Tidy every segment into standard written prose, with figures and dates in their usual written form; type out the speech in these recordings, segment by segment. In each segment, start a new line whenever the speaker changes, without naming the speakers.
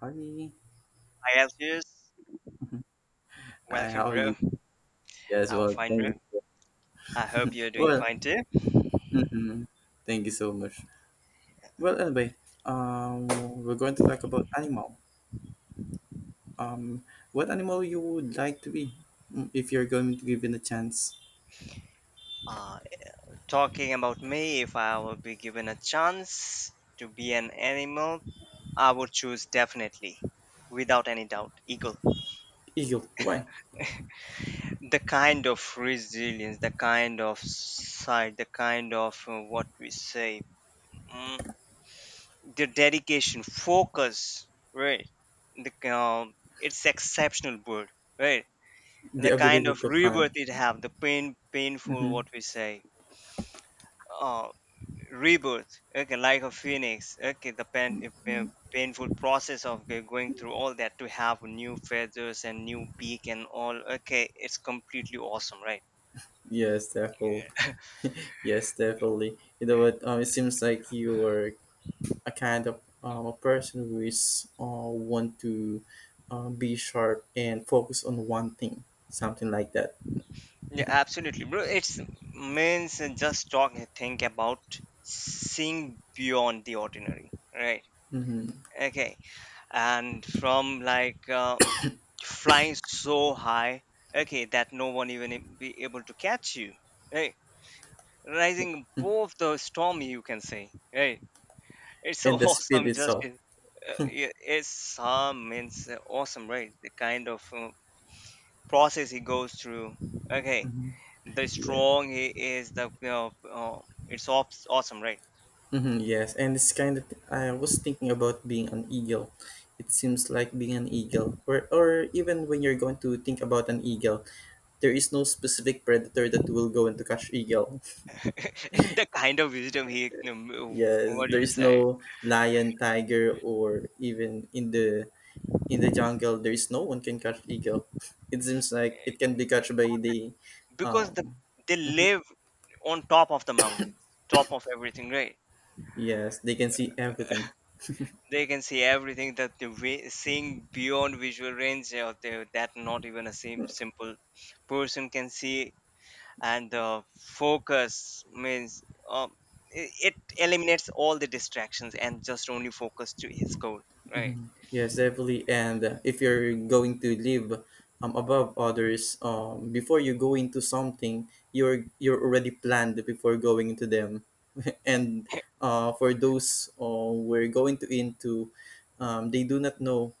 Hi,
Hi, Algiers.
hi,
Welcome,
how are
bro.
you? Yes,
I'm
well,
fine, bro.
thank you.
I hope you're doing
Well,
fine too.
hmm, thank you so much. Well, anyway, um, we're going to talk about animal. Um, what animal you would like to be, mm, if you're going to given a chance?
Uh, Talking about me, if I would be given a chance to be an animal, I would choose definitely, without any doubt, eagle.
Eagle. Why?
The kind of resilience, the kind of sight, the kind of what we say, mm, the dedication, focus, right? It's exceptional bird, right? And
The
the kind
ability
of
to hunt.
rebirth it have the painful
Mm-hmm.
what we say uh rebirth. Okay, like a phoenix. Okay, the painful process of going through all that to have new feathers and new beak and all. Okay, it's completely awesome, right?
Yes, definitely. Yes, definitely. You know what? It seems like you are a kind of a person who is want to be sharp and focus on one thing, something like that.
Yeah, absolutely, bro. It's means just talk, think about seeing beyond the ordinary, right?
Mm-hmm.
Okay, and from like flying so high, okay, that no one even be able to catch you, right? Rising above the storm, you can say, right? It's so
And the speed
awesome, just
itself.
yeah, it's some means awesome, right? The kind of process he goes through, okay.
Mm-hmm.
The
Yeah.
strong he is, the you know, it's awesome, right?
Mm-hmm. Yes, and it's kind of. I was thinking about being an eagle. It seems like being an eagle, or even when you're going to think about an eagle, there is no specific predator that will go and to catch eagle.
The kind of wisdom he,
Yes,
what do
there
you
is
say?
no lion, tiger, or even in the jungle, there is no one can catch eagle. It seems like it can be catched by the,
Because the,
um,
because the they
mhm.
live on top of the mountains, top of everything, right?
Yes, they can see everything.
They can see everything that they're seeing beyond visual range out there, that not even a simple person can see. And the focus means um, it eliminates all the distractions and just only focus to his goal, right?
Yes, definitely. And if you're going to live above others, before you go into something, you're already planned before going into them. And for those we're going to into, they do not know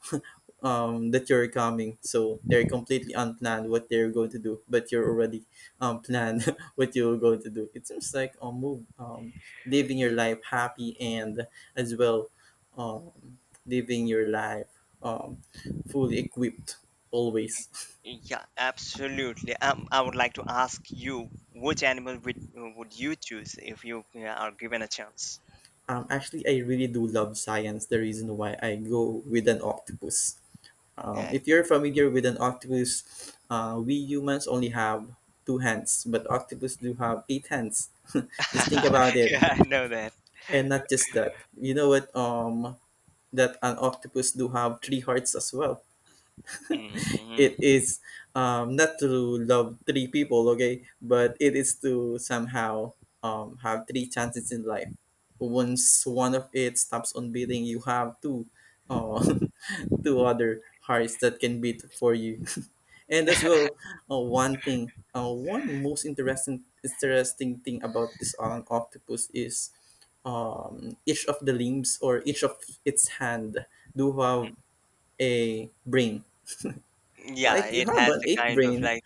that you're coming. So they're completely unplanned what they're going to do, but you're already planned what you're going to do. It seems like a move, living your life happy and as well, um, living your life um, fully equipped always.
Yeah, absolutely. I would like to ask you, which animal would you choose if you, yeah, are given a chance?
Actually, I really do love science. The reason why I go with an octopus.
Yeah,
If you're familiar with an octopus, we humans only have two hands, but octopus do have eight hands. Just think about it,
yeah, I know that.
and not just that. You know what? That an octopus do have three hearts as well. It
Mhm.
is not to love three people, okay, but it is to somehow have three chances in life. Once one of it stops on beating, you have two, uh, two other hearts that can beat for you. And as well, one thing, one most interesting thing about this octopus is each of the limbs or each of its hand do have a brain.
Yeah,
Like you
it
have
has
an
the
eight
kind of
brain.
like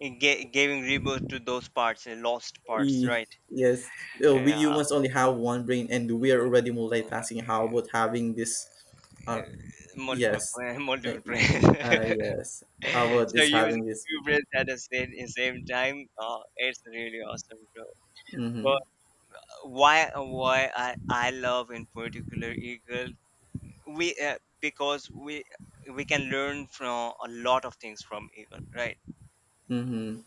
it giving rebirth to those parts, lost parts,
E-
right?
yes, we
Yeah,
humans only have one brain, and we are already multitasking. How about having this?
uh,
Uh, yes, uh,
multiple prayers.
yes. How about
So
this
using
having this?
two prayers at the same time, it's really awesome, bro.
Mm-hmm.
But why I love in particular Eagle? We because we can learn from a lot of things from Eagle, right?
Mm-hmm.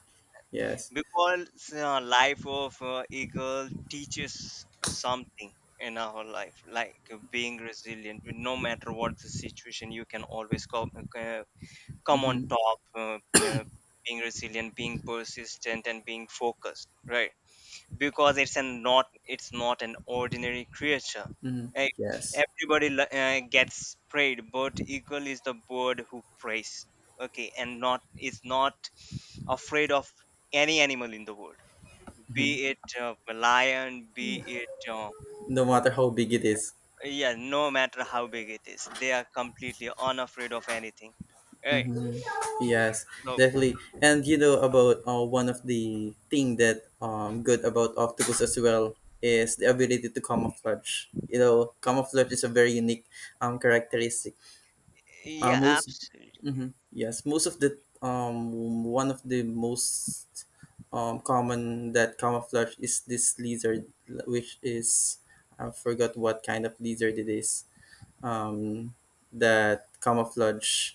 Yes.
Because life of eagle teaches something in our life, like being resilient. No matter what the situation, you can always come uh, come on
Mm-hmm.
top. Uh, Being resilient, being persistent, and being focused, right? Because it's not an ordinary creature.
Mm-hmm.
Eh,
Yes.
Everybody gets preyed, but eagle is the bird who preys. Okay, and not afraid of any animal in the world, be
Mm-hmm.
it a lion, be it
No matter how big it is.
yeah, no matter how big it is, they are completely unafraid of anything. Right.
Mm-hmm. Yes,
So
definitely. And you know about one of the thing that good about octopus as well is the ability to camouflage. You know, camouflage is a very unique characteristic.
yeah,
Most,
absolutely.
mm-hmm, yes, most of the one of the most common that camouflage is this lizard, which is I forgot what kind of lizard it is. Um, that camouflage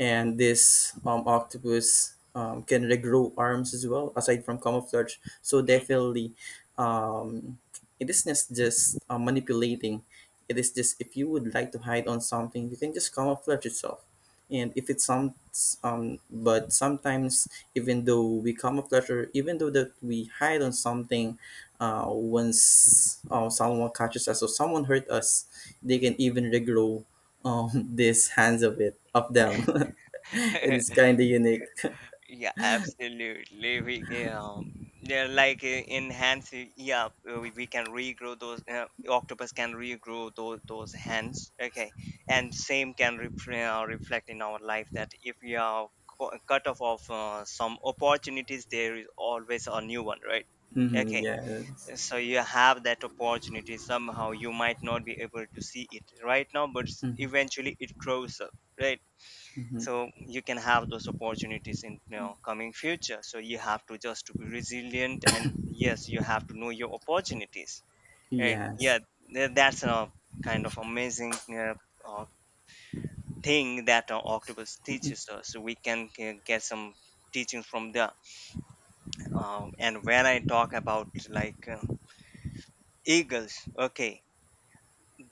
and this octopus can regrow arms as well aside from camouflage, so
Mhm.
definitely um, it is not just manipulating, it is just if you would like to hide on something you can just camouflage itself. And if it's some but sometimes even though we camouflage or even though that we hide on something, once someone catches us or someone hurt us, they can even regrow these hands of it of them. It is kind of unique.
Yeah, absolutely. We They're like enhance. Yeah, we can regrow those. Octopus can regrow those hands. Okay, and same can reflect in our life, that if we are cut off of some opportunities, there is always a new one, right?
Hmm,
Okay,
yes.
so you have that opportunity somehow. You might not be able to see it right now, but eventually it grows up, right?
Hmm,
So you can have those opportunities in, you know, coming future, so you have to just to be resilient, and yes, you have to know your opportunities, right?
yes.
Yeah, that's a kind of amazing uh, thing that octopus teaches us, so we can get some teaching from there. And when I talk about like eagles, okay,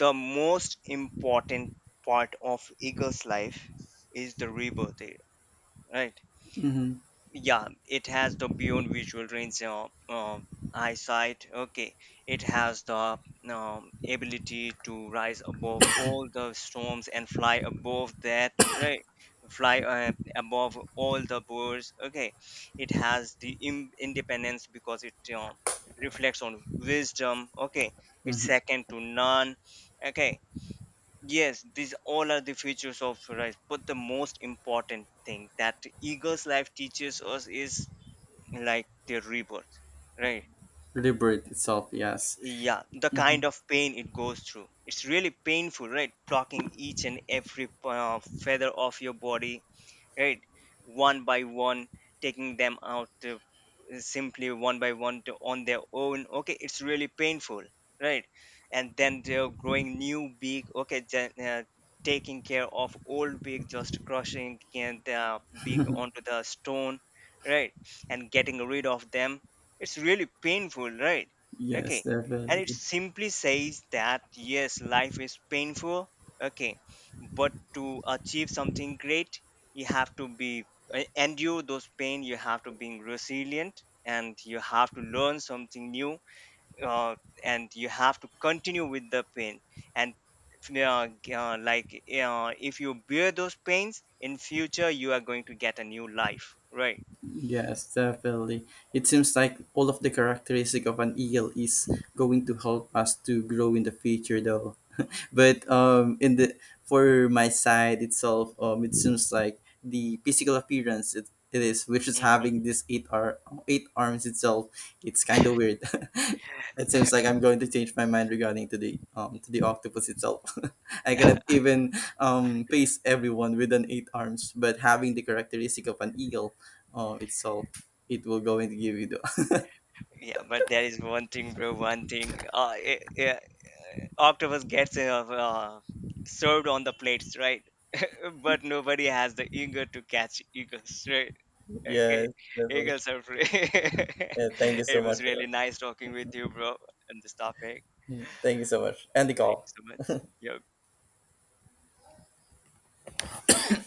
the most important part of eagles life is the rebirth, right? Yeah, it has the beyond visual range eyesight. Okay, it has the ability to rise above all the storms and fly above that, right? Fly above all the birds. Okay, it has the independence because it reflects on wisdom. Okay, it's second to none. Okay, yes, these all are the features of rice. But the most important thing that eagle's life teaches us is like their rebirth, right?
Liberate itself, yes.
Yeah, the kind of pain it goes through. It's really painful, right? Plucking each and every feather off your body, right? One by one, taking them out, simply one by one, to, on their own. Okay, it's really painful, right? And then they're growing new beak. Okay, then, taking care of old beak, just crushing and the beak onto the stone, right, and getting rid of them. It's really painful, right?
Yes,
Okay, and it
definitely.
simply says that yes, life is painful. Okay, but to achieve something great, you have to be endure those pain. You have to be resilient and you have to learn something new, uh, and you have to continue with the pain. And like if you bear those pains in future, you are going to get a new life, right?
Yes, definitely, it seems like all of the characteristic of an eel is going to help us to grow in the future though. But in the for my side itself, it seems like the physical appearance it is, which is
Hmm.
having this eight ar- eight arms itself. It's kind of weird. It seems like I'm going to change my mind regarding to the octopus itself. I cannot even face everyone with an eight arms, but having the characteristic of an eagle, itself, it will going to give you the
Yeah, but there is one thing, bro. One thing, octopus gets uh, served on the plates, right? But nobody has the eager to catch eagles, right? Okay,
yes. That will-
eagles are free.
yeah, thank you so
It
much.
was
Uh,
really nice talking with you, bro, and this topic.
hmm, thank you so much. End the
Thank
call.
you so much. Yeah.